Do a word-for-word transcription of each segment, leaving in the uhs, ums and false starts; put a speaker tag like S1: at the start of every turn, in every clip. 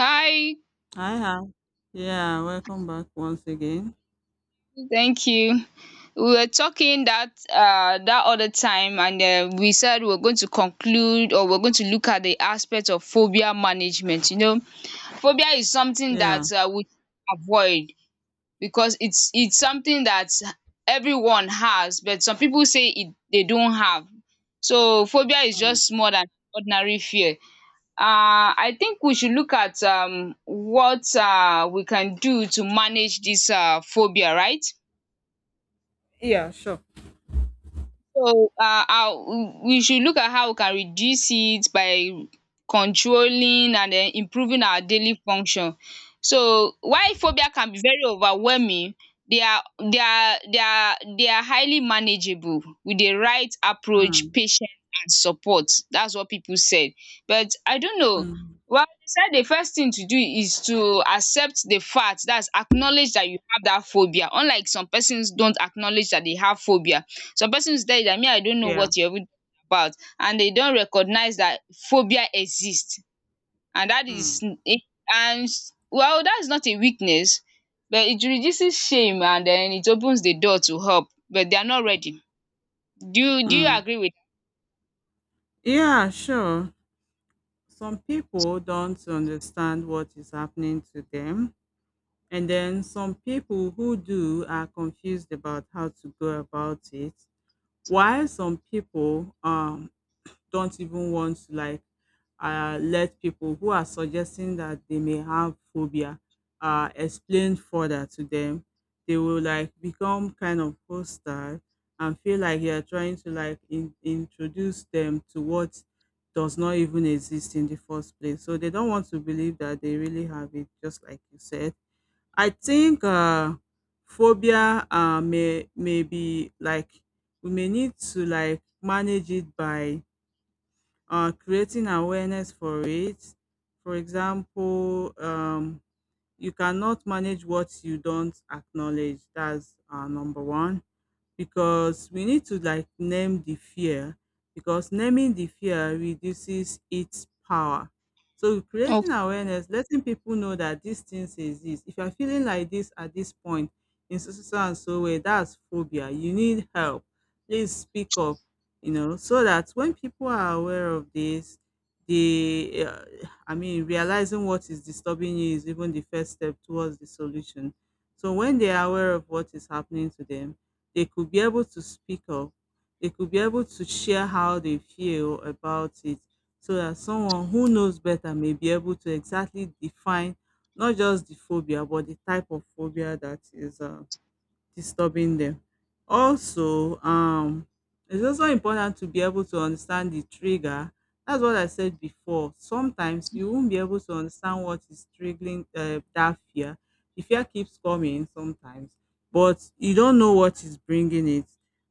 S1: Hi,
S2: I have. Yeah, welcome back once again.
S1: thank you. We were talking that uh that other time, and uh, we said we are going to conclude, or we are going to look at the aspect of phobia management. You know, phobia is something that
S2: Yeah.
S1: uh, we avoid because it's it's something that everyone has, but some people say it they don't have. So phobia is
S2: Mm.
S1: just more than ordinary fear. Uh, I think we should look at um, what uh, we can do to manage this uh, phobia, right?
S2: Yeah, sure.
S1: So, uh, how we should look at how we can reduce it by controlling and then improving our daily function. So, while phobia can be very overwhelming, they are they are they are they are highly manageable with the right approach,
S2: Mm.
S1: patience, and support. That's what people said. But I don't know.
S2: Mm.
S1: Well, they said the first thing to do is to accept the fact, that's acknowledge that you have that phobia. Unlike some persons don't acknowledge that they have phobia. Some persons tell you dat me I don't know
S2: Yeah.
S1: what you are even about, and they don't recognize that phobia exists, and that is,
S2: Mm.
S1: is and well that is not a weakness, but it reduces shame and then it opens the door to help, but they are not ready. Do you do you
S2: Mm.
S1: agree with
S2: Yeah, sure. Some people don't understand what is happening to them. And then some people who do are confused about how to go about it. While some people um, don't even want to like uh, let people who are suggesting that they may have phobia uh, explain further to them. They will like become kind of hostile and feel like you are trying to like in- introduce them to what does not even exist in the first place. So they don't want to believe that they really have it, just like you said. I think uh, phobia uh, may may be like we may need to like manage it by uh, creating awareness for it. For example, um, you cannot manage what you don't acknowledge. That's uh, number one because we need to like name the fear because naming the fear reduces its power. So
S1: that? Okay.
S2: creating awareness, letting people know that these things exist. If you're feeling like this at this point in so so so and so way, that's phobia. You need help. Please speak up. You know, so that when people are aware of this, the uh, I mean, realizing what is disturbing you is even the first step towards the solution. So when they are aware of what is happening to them, they could be able to speak up, they could be able to share how they feel about it so that someone who knows better may be able to exactly define not just the phobia but the type of phobia that is uh, disturbing them. Also, um, it's also important to be able to understand the trigger. That's what I said before. Sometimes you won't be able to understand what is triggering uh, that fear. The fear keeps coming sometimes, but you don't know what is bringing it.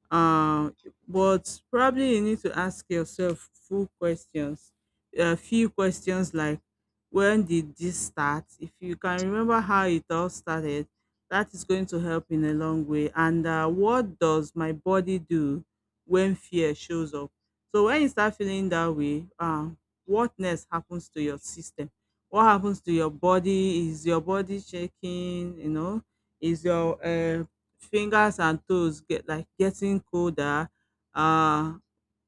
S2: Um, but probably you need to ask yourself full questions, a few questions like, when did this start? If you can remember how it all started, that is going to help in a long way. And uh, what does my body do when fear shows up? So when you start feeling that way, uh, what next happens to your system? What happens to your body? Is your body shaking? You know, is your uh, fingers and toes get like getting colder? Uh,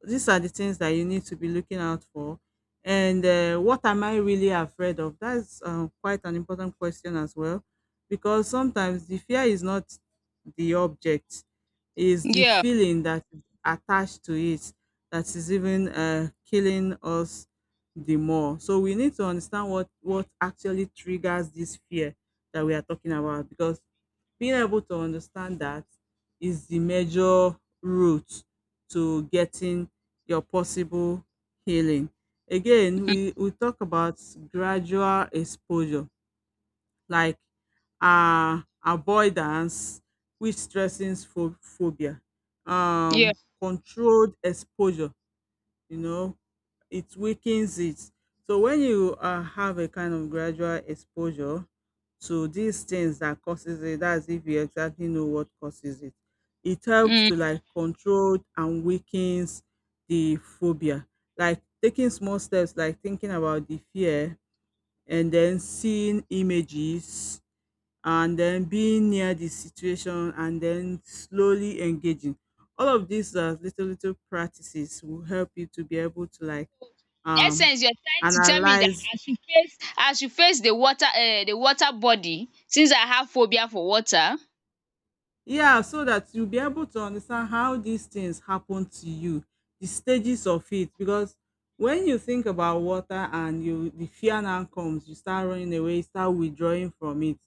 S2: these are the things that you need to be looking out for. And uh, what am I really afraid of? That's uh, quite an important question as well because sometimes the fear is not the object is the
S1: Yeah
S2: feeling that is attached to it that is even uh, killing us the more, so we need to understand what what actually triggers this fear that we are talking about because being able to understand that is the major route to getting your possible healing. Again,
S1: um
S2: we we talk about gradual exposure, like uh, avoidance, which strengthens pho- phobia.
S1: yeah
S2: Um, controlled exposure, you know, it weakens it. So when you uh, have a kind of gradual exposure to these things that causes it, that's if you exactly know what causes it. It helps to
S1: um
S2: like control and weakens the phobia. Like taking small steps, like thinking about the fear and then seeing images and then being near the situation and then slowly engaging. All of these uh, little little practices will help you to be able to like
S1: in
S2: um
S1: essence, you are trying to tell me that
S2: analyze.
S1: I should face I should face the water um the water body, since I have phobia for water?
S2: Yeah, so that you'll be able to understand how these things happen to you, the stages of it. Because when you think about water and you the fear now comes, you start running away, you start withdrawing from it.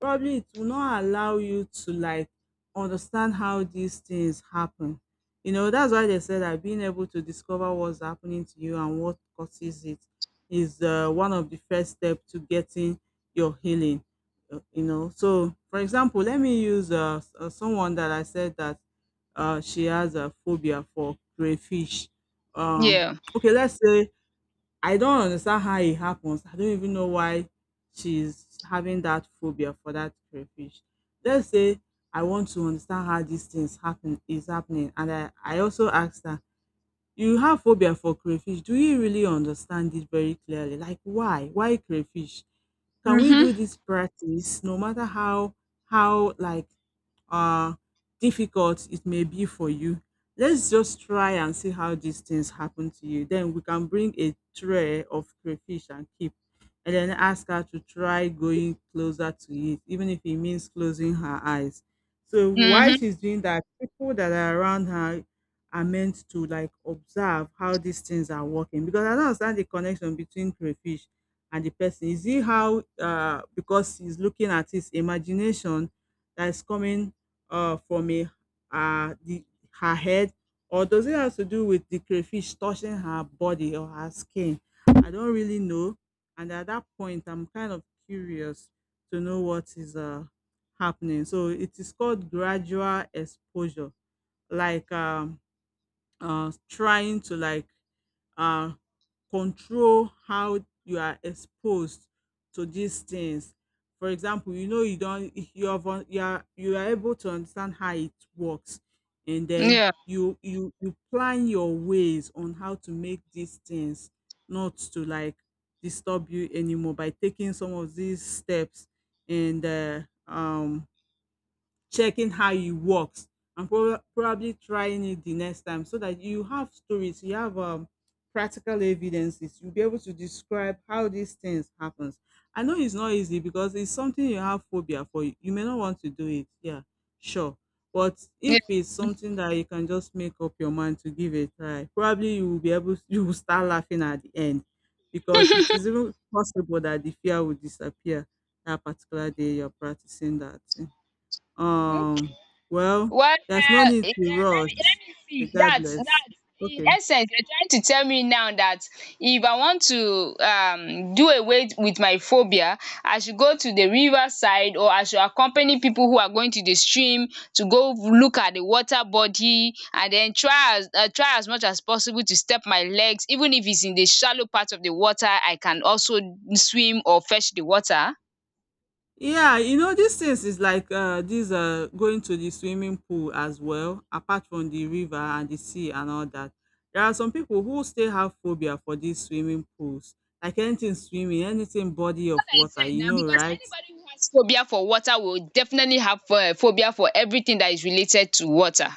S2: Probably it will not allow you to like understand how these things happen. You know, that's why they said that being able to discover what's happening to you and what causes it is uh, one of the first steps to getting your healing. uh, you know, so for example, let me use uh, s- uh, someone that I said that uh, she has a phobia for crayfish. Um,
S1: Yeah.
S2: okay, let's say I don't understand how it happens. I don't even know why she's having that phobia for that crayfish. Let's say I want to understand how these things happen is happening, and I, I also asked her, you have phobia for crayfish. Do you really understand it very clearly? Like why? Why crayfish? Can we
S1: Mhm.
S2: do this practice no matter how how like uh difficult it may be for you? Let's just try and see how these things happen to you. Then we can bring a tray of crayfish and keep and then ask her to try going closer to it, even if it means closing her eyes. So while
S1: Mhm.
S2: she's doing that, people that are around her are meant to like observe how these things are working because I don't understand the connection between crayfish and the person. Is it how uh because he's looking at his imagination that is coming uh from a uh the her head, or does it have to do with the crayfish touching her body or her skin? I don't really know. And at that point I'm kind of curious to know what is uh happening. So it is called gradual exposure, like um uh, trying to like uh, control how you are exposed to these things. For example, you know you don't you have un- you are you are able to understand how it works, and then
S1: Yeah.
S2: you you you plan your ways on how to make these things not to like disturb you anymore by taking some of these steps and uh, um checking how it works and proba- probably trying it the next time so that you have stories, you have um practical evidences, you'll be able to describe how these things happens. I know it's not easy because it's something you have phobia for, you you may not want to do it. Yeah, sure, but if it's something that you can just make up your mind to give a try, probably you will be able you will start laughing at the end because it is even possible that the fear will disappear that particular day you're practicing that thing.
S1: Yeah.
S2: um, well,
S1: Well,
S2: there's no
S1: uh,
S2: need
S1: eh, eh,
S2: to
S1: let me
S2: rush,
S1: let me see. That
S2: regardless.
S1: that In
S2: Okay.
S1: essence, you're trying to tell me now that if I want to um do away with my phobia, I should go to the riverside, or I should accompany people who are going to the stream to go look at the water body, and then try as uh, try as much as possible to step my legs, even if it's in the shallow part of the water. I can also swim or fetch the water.
S2: Yeah, you know, these things is like uh these uh going to the swimming pool as well, apart from the river and the sea and all that. There are some people who still have phobia for these swimming pools. Like anything swimming, anything body of
S1: I
S2: water,
S1: said
S2: you
S1: now,
S2: know,
S1: because
S2: right?
S1: anybody who has phobia for water will definitely have uh, phobia for everything that is related to water.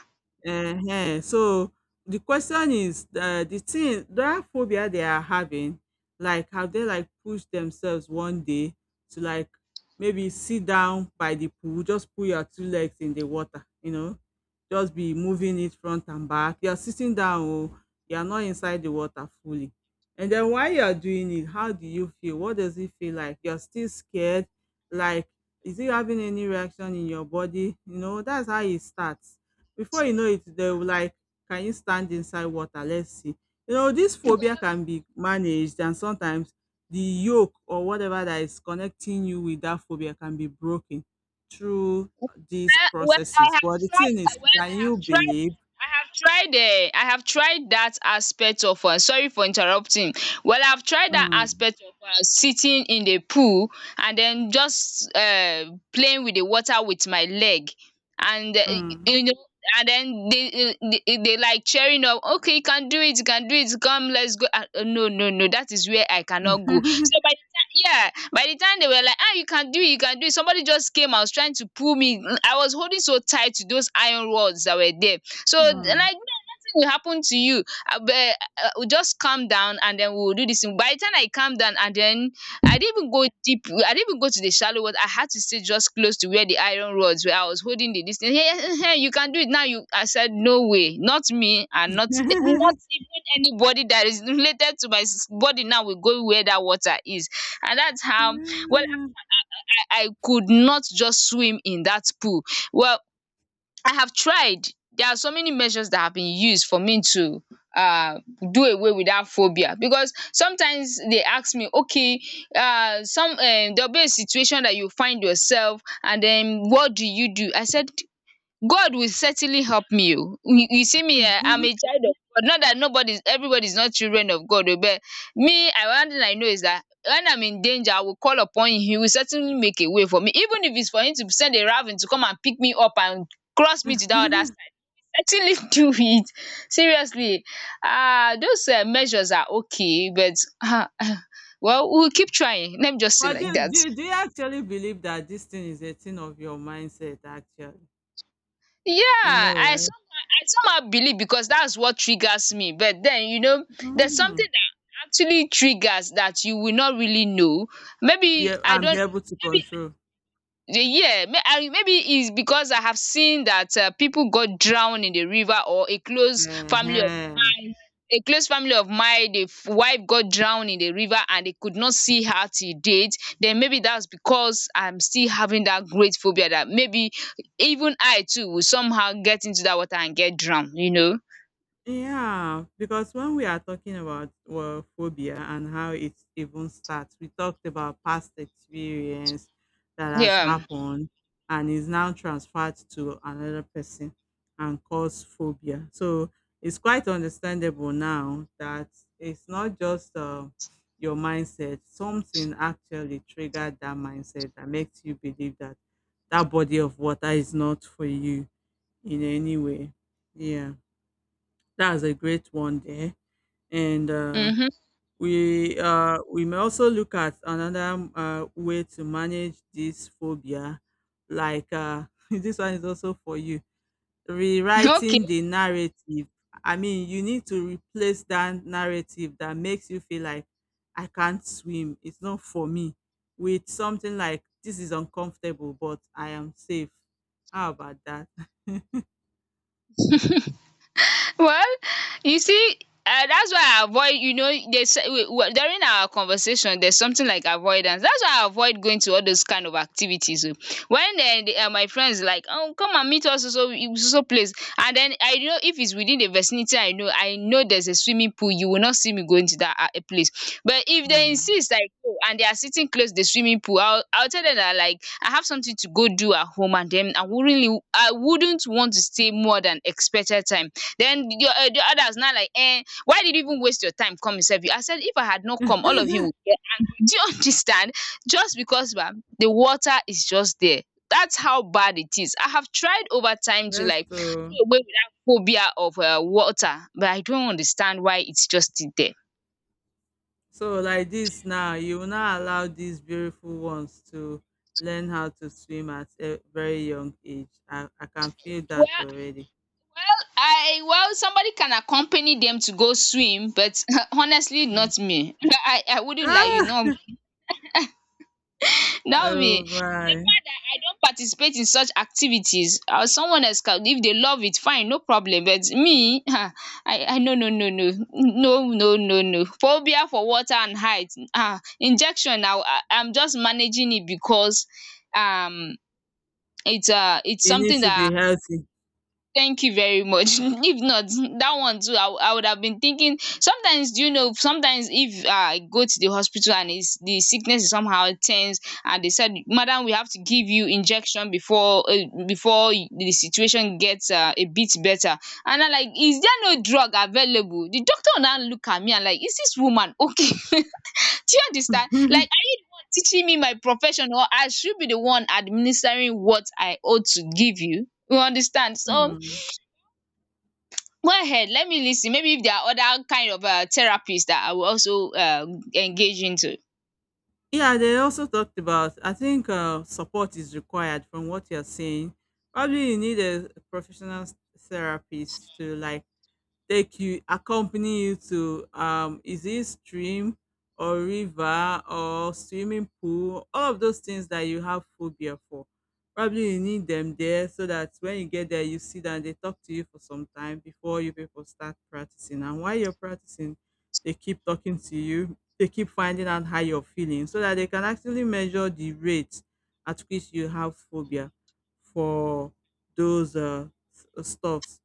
S2: Ehen. So, the question is, uh, the thing that phobia they are having, like, have they, like, pushed themselves one day to, like, maybe sit down by the pool, just put your two legs in the water, you know? Just be moving it front and back. You're sitting down oh, you're not inside the water fully. And then while you're doing it, how do you feel? What does it feel like? You're still scared? Like, is it having any reaction in your body? You know, that's how it starts. Before you know it, they will like, can you stand inside water? Let's see. You know, this phobia can be managed, and sometimes the yoke or whatever that is connecting you with that phobia can be broken through these
S1: Well, well, I
S2: processes.
S1: have
S2: But the
S1: tried.
S2: thing is,
S1: uh, Well,
S2: can
S1: I have
S2: you
S1: tried.
S2: believe?
S1: I have tried. Uh, I have tried that aspect of. Uh, sorry for interrupting. Well, I've tried that
S2: Mm,
S1: aspect of uh, sitting in the pool, and then just uh, playing with the water with my leg, and uh,
S2: mm,
S1: you know. And then they, they they like cheering up. Okay, you can do it. You can do it. Come, let's go. Uh, uh, no, no, no. That is where I cannot go. So by the time, yeah, by the time they were like, ah, you can do it, you can do it, somebody just came and was trying to pull me. I was holding so tight to those iron rods that were there. So,
S2: mm.
S1: like, will happen to you. Abeg um just calm down and then we will do this thing. By the time I calm down and then I didn't even go deep. I didn't even go to the shallow water. I had to stay just close to where the iron rods, where I was holding the dis thing. You can do it now, you, I said no way, not me, and not, not even anybody that is related to my sis body now will go where that water is. And that's how, well, I I could not just swim in that pool. Well, I have tried. There are so many measures that have been used for me to um do away with that phobia, because sometimes they ask me, okay, um some um there will be a situation that you find yourself, and then what do you do? I said God will certainly help me oh. You you see me, um I'm a child of God. Not that nobody is, everybody is not children of God oh, but me, I, one thing I know is that when I'm in danger, I will call upon him. He will certainly make a way for me. Even if it's for him to send a raven to come and pick me up and cross me to that other side, certainly do it. Seriously, um those um measures are okay, but um well, we will keep trying. Let me just say
S2: But
S1: like
S2: do,
S1: that.
S2: do, do you actually believe that this thing is a thing of your mindset, actually? You
S1: Yeah,
S2: know,
S1: I
S2: right?
S1: somehow I somehow believe because that's what triggers me. But then, you know, there's something
S2: Hmm.
S1: that actually triggers that you will not really know.
S2: Be
S1: Maybe
S2: a-
S1: I
S2: and be
S1: don't.
S2: able to
S1: Maybe,
S2: control.
S1: yeah, may i maybe it's because I have seen that uh, people got drowned in the river, or a close family of
S2: Mhm.
S1: mine a close family of mine the f- wife got drowned in the river and they could not see her till date. Then maybe that's because I'm still having that great phobia that maybe even I too will somehow get into that water and get drowned, you know
S2: Yeah, because when we are talking about, well, phobia and how it even starts, we talked about past experience that has
S1: yeah.
S2: happened and is now transferred to another person and cause phobia. So it's quite understandable now that it's not just uh, your mindset, something actually triggered that mindset that makes you believe that that body of water is not for you in any way. Yeah, that's a great one there. And uh,
S1: Mm-hmm.
S2: we uh, we may also look at another uh, way to manage this phobia. Like uh, this one is also for you. Rewriting
S1: Okay.
S2: the narrative. I mean, you need to replace that narrative that makes you feel like I can't swim. It's not for me. With something like, this is uncomfortable, but I am safe. How about that?
S1: Well, you see, uh, that's why I avoid. You know, there's during our conversation, there's something like avoidance. That's why I avoid going to all those kind of activities oh. When eh, the, uh, my friends like, oh, come and meet us, so so so so place, and then I know if it's within the vicinity, I know I know there's a swimming pool. You will not see me going to that uh, place. But if they
S2: Hmm.
S1: insist, I go, and they are sitting close to the swimming pool. I'll I'll tell them that like I have something to go do at home, and then I wouldn't I wouldn't want to stay more than expected time. Then the um the others now like, "eh, why did you even waste your time come himself?" I said if I had not come, all of you would get angry. Do you understand? Just because bah, the water is just there. That's how bad it is. I have tried over time to
S2: Yes,
S1: like do
S2: so
S1: away with that phobia of um water, but I don't understand why it's just there.
S2: so like this now, you will not allow these beautiful ones to learn how to swim at a very young age. I, I can feel
S1: Well
S2: that already.
S1: well I, well, somebody can accompany them to go swim, but honestly
S2: Mm.
S1: not me. I I wouldn't lie you, know me.
S2: Ah,
S1: Not
S2: oh
S1: me.
S2: my!
S1: I don't participate in such activities. Uh, someone else can if they love it, fine, no problem, but me um i i no, no, no, no, no, no, no, no phobia for water and height. Ah, injection. Now I, I'm just managing it because um it's um it's
S2: You need
S1: something
S2: to
S1: that.
S2: be healthy.
S1: Thank you very much. If not, that one too, I, wou- I would have been thinking. Sometimes, do you know, sometimes if uh, I go to the hospital and it's, the sickness is somehow tense, and they said, "Madam, we have to give you injection before uh, before the situation gets uh, a bit better," and I'm like, "Is there no drug available?" The doctor will now look at me and like, "Is this woman okay?" Do you understand? Like, are you the one teaching me my profession, or I should be the one administering what I ought to give you? You understand? So
S2: Hmm.
S1: go ahead, let me listen. Maybe if there are other kind of um therapies that I will also um engage into,
S2: Yeah, they also talked about. I think uh, support is required from what you're saying. Probably you need a professional s- therapist to like take you accompany you to um is it stream or river or swimming pool, all of those things that you have phobia for. Probably you need them there so that when you get there, you sit down, they talk to you for some time before you people start practicing. And while you're practicing, they keep talking to you, they keep finding out how you're feeling so that they can actually measure the rate at which you have phobia for those uh, s- stuff.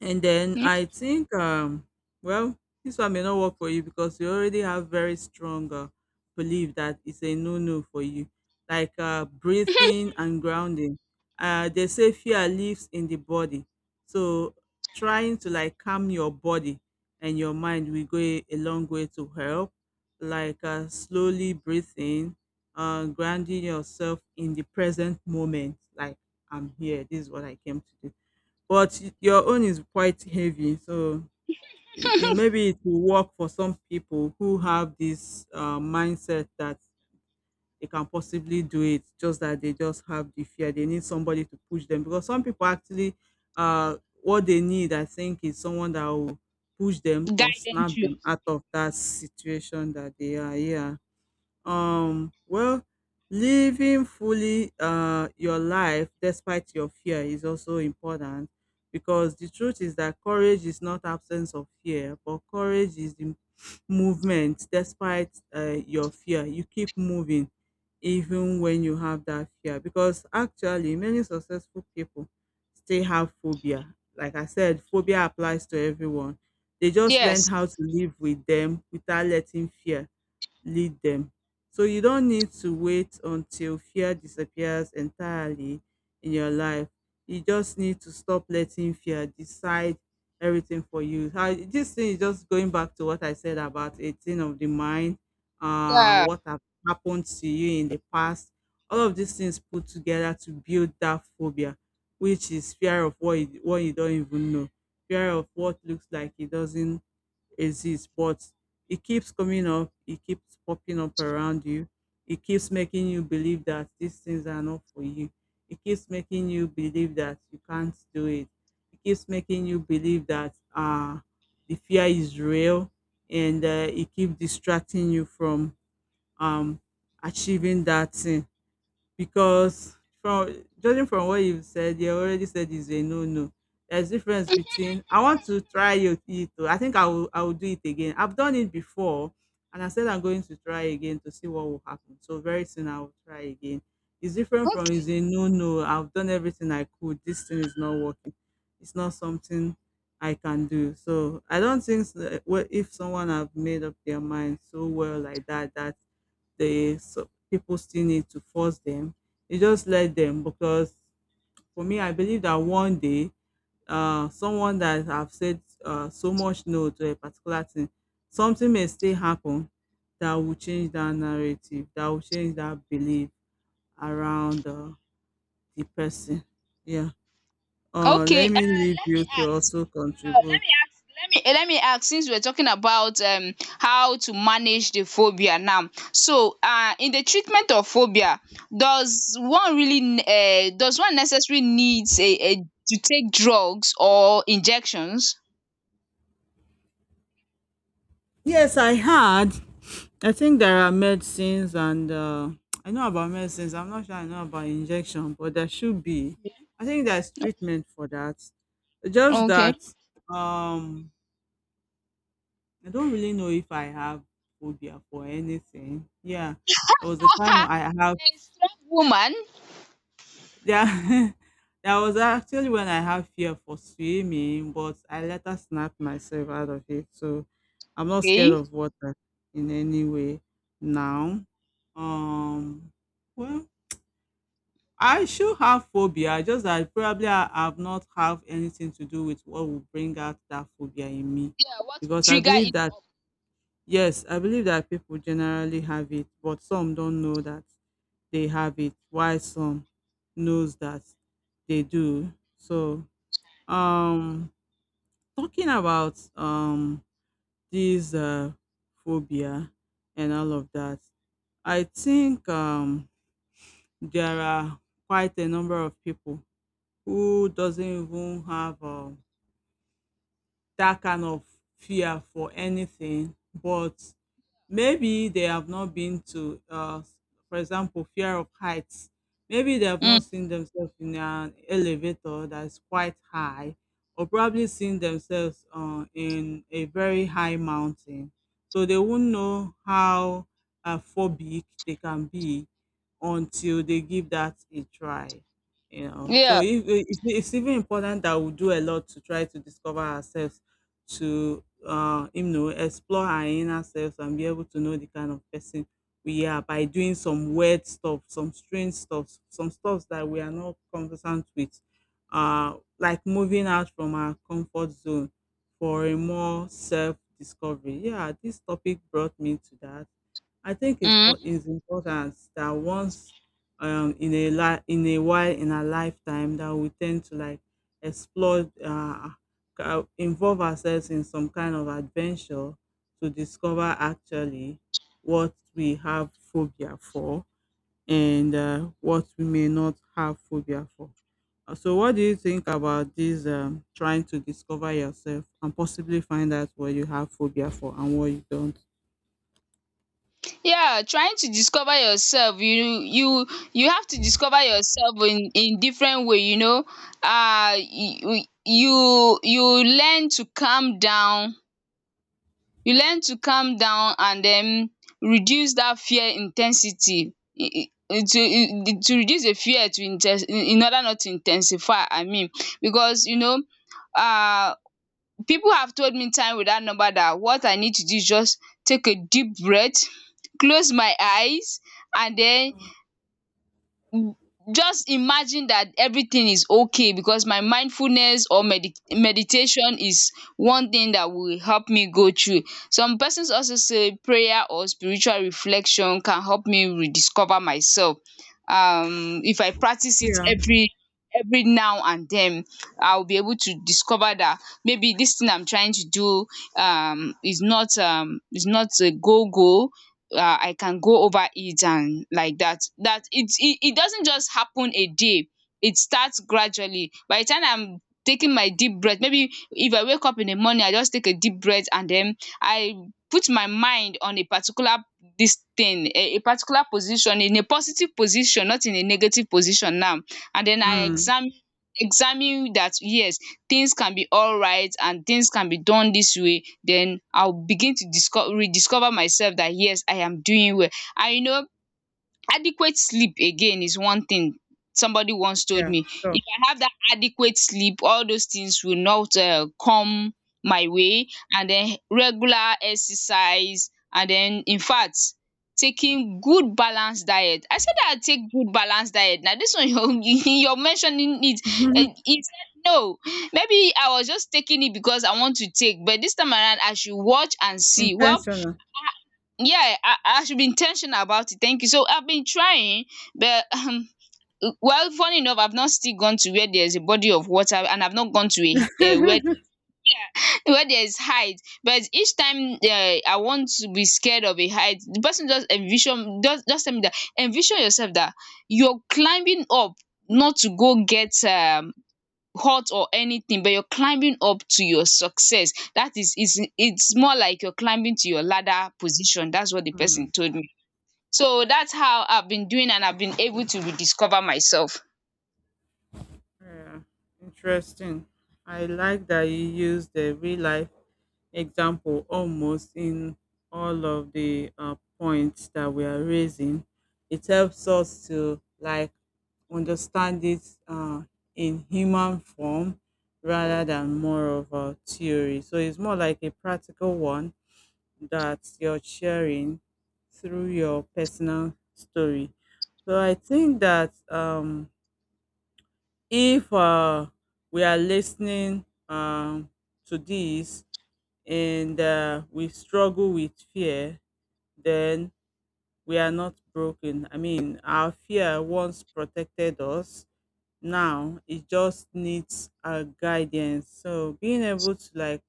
S2: And then
S1: um
S2: I think, um, well, this one may not work for you because you already have very strong uh, belief that it's a no-no for you, like uh, breathing and grounding. Uh, they say fear lives in the body, so trying to like calm your body and your mind will go a, a long way to help. Like uh, slowly breathing, uh, grounding yourself in the present moment. Like I'm here. This is what I came to do, but y your own is quite heavy, so it I maybe it will work for some people who have this, uh, mindset that they can possibly do it, just that they just have the fear. They need somebody to push them because some people actually, uh, what they need, I think, is someone that will push them or
S1: guide them
S2: snap
S1: through.
S2: them out of that situation that they are, yeah. Um, well, living fully uh, your life despite your fear is also important, because the truth is that courage is not absence of fear, but courage is the movement despite uh, your fear. You keep moving even when you have that fear because actually many successful people still have phobia. Like I said, phobia applies to everyone. They just learned
S1: Yes.
S2: how to live with them without letting fear lead them. So you don't need to wait until fear disappears entirely in your life. You just need to stop letting fear decide everything for you. How this thing is just going back to what I said about eighteen of the mind, uh,
S1: Yeah.
S2: what have happened to you in the past. All of these things put together to build that phobia, which is fear of what you, what you don't even know, fear of what looks like it doesn't exist, but it keeps coming up, it keeps popping up around you, it keeps making you believe that these things are not for you, it keeps making you believe that you can't do it, it keeps making you believe that uh, the fear is real, and uh, it keeps distracting you from um, achieving that thing because from judging from what you've said, you already said it's a no no. There's difference between I want to try it. it Oh, I think I will I will do it again. I've done it before and I said I'm going to try again to see what will happen. So very soon I will try again. It's different from is a no no. I've done everything I could. This thing is not working. It's not something I can do. So I don't think so, well, if someone have made up their mind so well like that, that the so people still need to force them. You just let them because for me, I believe that one day, uh, someone that have said uh, so much no to a particular thing, something may still happen that will change that narrative, that will change that belief around uh, the person. Yeah. Uh,
S1: Okay.
S2: let
S1: Um
S2: me leave
S1: let
S2: you
S1: me
S2: to
S1: ask,
S2: also
S1: um let
S2: contribute.
S1: me ask let me eh, let me ask, since we're talking about um how to manage the phobia now, so um in the treatment of phobia, does one really um does one necessarily needs a a to take drugs or injections?
S2: Yes, I had. I think there are medicines, and uh, I know about medicines. I'm not sure I know about injection, but there should be. I think there's treatment for that. Just
S1: Okay.
S2: that um, I don't really know if I have phobia for anything. Yeah, there was a time
S1: A
S2: I have.
S1: strong woman.
S2: Yeah, there was actually when I had fear for swimming, but I later snapped myself out of it. So I'm not scared
S1: Okay.
S2: of water in any way now. Um, well, I should have phobia. Just that probably I have not have anything to do with what will bring out that phobia in me,
S1: Yeah, what will
S2: because I
S1: trigger
S2: believe
S1: it
S2: that,
S1: up.
S2: yes, I believe that people generally have it, but some don't know that they have it while some knows that they do. So um talking about um this uh phobia and all of that, i think um there are quite a number of people who doesn't even have um that kind of fear for anything, but maybe they have not been to, uh, for example, fear of heights. Maybe they have not
S1: Mm.
S2: seen themselves in an elevator that is quite high, or probably seen themselves uh, in a very high mountain. So they won't know how uh, phobic they can be until they give that a try. You know, so
S1: Yeah.
S2: if, it's, it's even important that we do a lot to try to discover ourselves, to uh, him know explore our inner selves and be able to know the kind of person we are by doing some weird stuff, some strange stuff, some stuff that we are not conversant with, uh, like moving out from our comfort zone for a more self discovery. Yeah, this topic brought me to that. I think it's
S1: Mm.
S2: po- it's important that once um in a li- in a while in our lifetime that we tend to like explore uh, uh, involve ourselves in some kind of adventure to discover actually what we have phobia for and uh, what we may not have phobia for. Uh, So, what do you think about this um, trying to discover yourself and possibly find out what you have phobia for and what you don't?
S1: Yeah, trying to discover yourself, you, you you have to discover yourself in in different way, you know. Uh you you you learn to calm down, you learn to calm down and then reduce that fear intensity. I- I- to to reduce the fear to inten in order not to intensify, I mean, because you know um people have told me time without number that what I need to do is just take a deep breath, close my eyes, and then w- just imagine that everything is okay, because my mindfulness or medi- meditation is one thing that will help me go through. Some persons also say prayer or spiritual reflection can help me rediscover myself. Um, if I practice it
S2: Yeah.
S1: every every now and then, I'll be able to discover that maybe this thing I'm trying to do um is not um is not a go go uh, I can go over it, and like that. That it's it, it doesn't just happen a day. It starts gradually. By the time I'm taking my deep breath, maybe if I wake up in the morning, I just take a deep breath and then I put my mind on a particular this thing, a, a particular position in a positive position, not in a negative position now. And then I
S2: Mm,
S1: examine examine that yes, things can be alright and things can be done this way, then I'll begin to discover, rediscover myself that yes, I am doing well. And you know adequate sleep again is one thing. Somebody once told
S2: yeah,
S1: me
S2: sure.
S1: if I have that adequate sleep all those things will not um come my way. And then regular exercise, and then in fact, taking good balanced diet. I said that I take good balanced diet. Now this one you you're mentioning it,
S2: Mhm.
S1: um he no, maybe I was just taking it because I want to take, but this time around I should watch and see. Well,
S2: Intentional.
S1: yeah, I, I should be intentional about it. Thank you. So I've been trying, but um, well, funny enough, I've not still gone to where there's a body of water, and I've not gone to a, a where where there's height. But each time uh, I want to be scared of a height, the person just envision, just just tell me that envision yourself that you're climbing up, not to go get um hurt or anything, but you're climbing up to your success. That is, it's it's more like you're climbing to your ladder position. That's what the person
S2: Hmm.
S1: told me. So that's how I've been doing, and I've been able to rediscover myself.
S2: Yeah, interesting. I like that you use the real life example almost in all of the uh, points that we are raising. It helps us to like understand it uh, in human form rather than more of a theory. So it's more like a practical one that you're sharing through your personal story. So I think that um, if uh, we are listening um, to this, and uh, we struggle with fear, then we are not broken. I mean, our fear once protected us. Now it just needs our guidance. So being able to like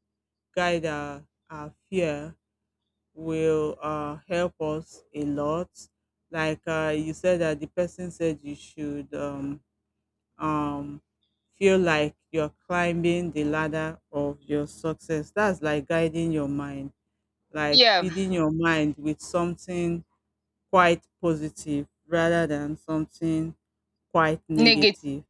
S2: guide our, our fear will uh, help us a lot. Like uh, you said that the person said you should um, um, feel like you're climbing the ladder of your success. That's like guiding your mind, like
S1: Yeah,
S2: feeding your mind with something quite positive rather than something quite
S1: negative.
S2: negative.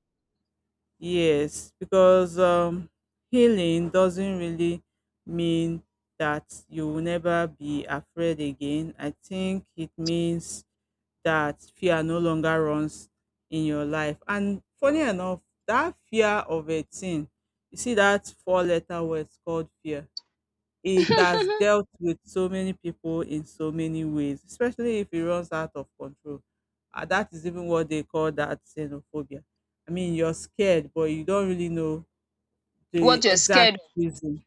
S2: Yes, because um, healing doesn't really mean that you will never be afraid again. I think it means that fear no longer runs in your life. And funny enough, that fear of a thing, you see that four letter word called fear, it has dealt with so many people in so many ways, especially if it runs out of control. Uh, that is even what they call that xenophobia. I mean, you're scared, but you don't really know the
S1: What you're
S2: exact
S1: scared of.
S2: reason.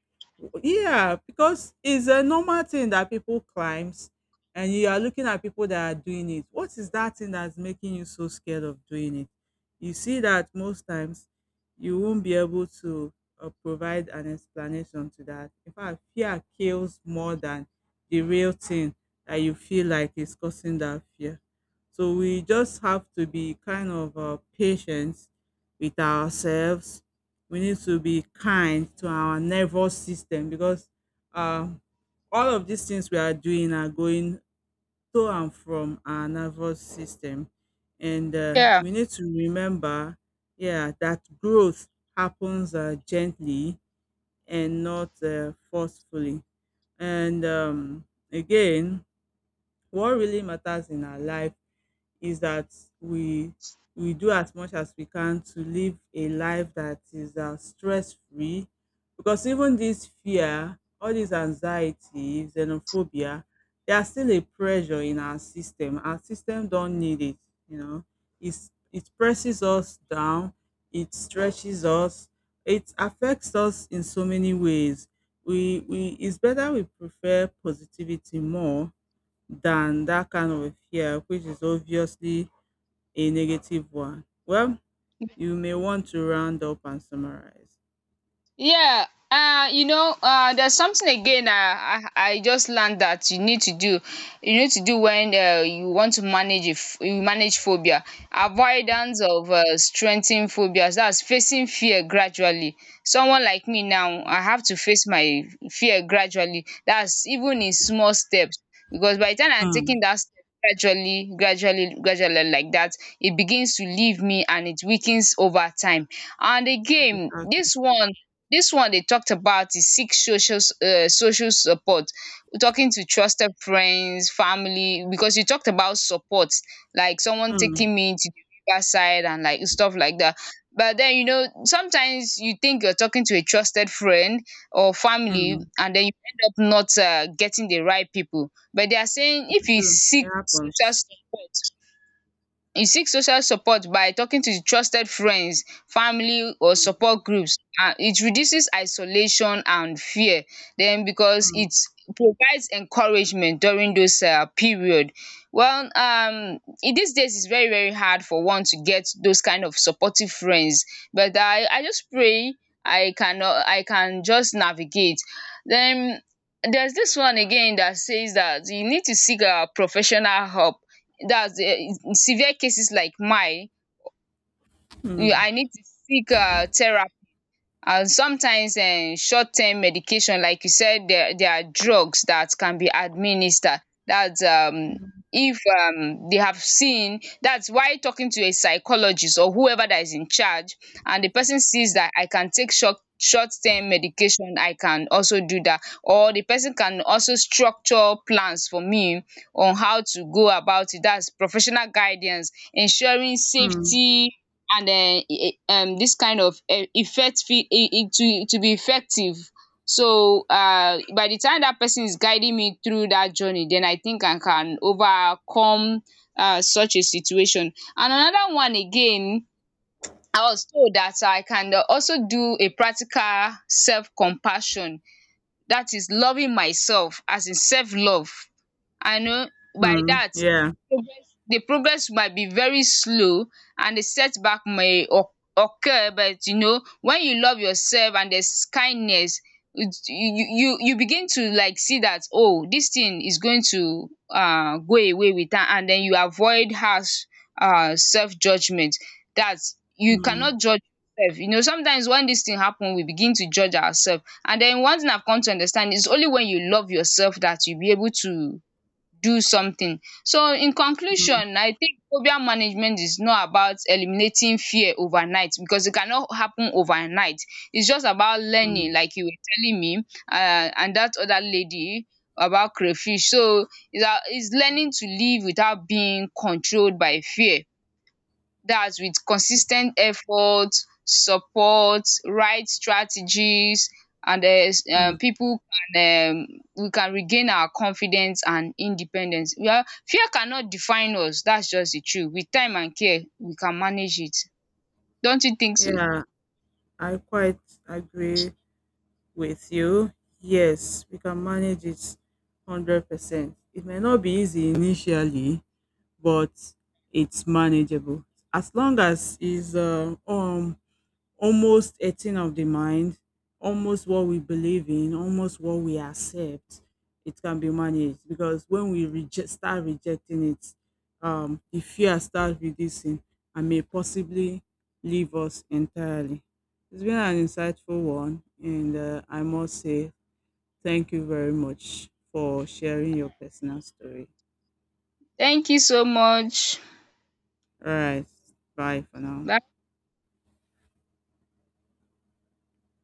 S2: Yeah, because it's a normal thing that people climbs and you are looking at people that are doing it. What is that thing that's making you so scared of doing it? You see that most times you won't be able to uh, provide an explanation to that. In fact, fear kills more than the real thing that you feel like is causing that fear. So we just have to be kind of uh, patient with ourselves. We need to be kind to our nervous system because um, all of these things we are doing are going to and from our nervous system. And uh,
S1: Yeah.
S2: we need to remember, yeah, that growth happens uh, gently and not uh, forcefully. And um, again, what really matters in our life is that we we do as much as we can to live a life that is uh, stress free, because even this fear, all this anxiety, xenophobia, they are still a pressure in our system. Our system don't need it, you know. It's it presses us down, it stretches us, it affects us in so many ways. We we It's better we prefer positivity more than that kind of a fear, which is obviously a negative one. Well, you may want to round up and summarize.
S1: Yeah, uh, you know, uh, there's something again, uh, I I just learned that you need to do. You need to do when uh, you want to manage, if you manage phobia. Avoidance of uh, strengthening phobias. That's facing fear gradually. Someone like me now, I have to face my fear gradually. That's even in small steps, because by the time I'm
S2: Mm.
S1: taking that step gradually, gradually, gradually like that, it begins to leave me and it weakens over time. And again,
S2: Exactly.
S1: this one this one they talked about is seek social s- uh, social support. Talking to trusted friends, family, because you talked about support like someone
S2: Mm.
S1: taking me to the river side and like stuff like that. But then you know, sometimes you think you're talking to a trusted friend or family
S2: Mm,
S1: and then you end up not uh getting the right people. But they are saying if
S2: it's
S1: you
S2: true. It
S1: seek social
S2: happens.
S1: support, you seek social support by talking to trusted friends, family, or
S2: Mm.
S1: support groups, and it reduces isolation and fear. Then, because
S2: Mm.
S1: it provides encouragement during those um period. Well, um in these days it's very, very hard for one to get those kind of supportive friends, but I I just pray I can I can just navigate. Then there's this one again that says that you need to seek a professional help. That's uh, in severe cases like mine, you,
S2: Mm.
S1: I need to seek uh therapy, and sometimes um short term medication. Like you said, there there are drugs that can be administered. That's um if um they have seen, that's why talking to a psychologist or whoever that is in charge, and the person sees that I can take short short term medication, I can also do that, or the person can also structure plans for me on how to go about it. That's professional guidance, ensuring
S2: Mm.
S1: safety and um e e, um this kind of eh, effect, fit e e, to to be effective. So um by the time that person is guiding me through that journey, then I think I can overcome um such a situation. And another one again, I was told that I can also do a practical self compassion. That is, loving myself, as in self-love. I know by
S2: Mm,
S1: that
S2: yeah.
S1: progress, the progress might be very slow, and the setback may oc occur, but you know, when you love yourself and there's kindness, it's, you you you begin to like see that, oh, this thing is going to um go away with that, and then you avoid harsh um self-judgement. That you
S2: Mm.
S1: cannot judge yourself. You know, sometimes when this thing happen, we begin to judge ourselves. And then one thing I've come to understand is only when you love yourself that you'll be able to do something. So in
S2: Mm.
S1: conclusion, I think phobia management is not about eliminating fear overnight, because it cannot happen overnight. It's just about learning,
S2: Mm.
S1: like you were telling me, uh, and that other lady about crayfish. So it's, a, it's learning to live without being controlled by fear. That's with consistent ten effort, support, right strategies, and there's um
S2: Mm.
S1: pipu can um we can regain our confidence and independence. Well, fear cannot define us, that's just the truth. With time and care, we can manage it. Don't you think so?
S2: Yeah, I quite agree with you. Yes, we can manage it one hundred percent. It may not be easy initially, but it's manageable. As long as is uh, um almost a thing of the mind, almost what we believe in, almost what we accept, it can be managed. Because when we reject, start rejecting it, um, the fear starts reducing and may possibly leave us entirely. It's been an insightful one, and uh, I must say thank you very much for sharing your personal story.
S1: Thank you so much.
S2: All right, bye for now.
S1: Bye.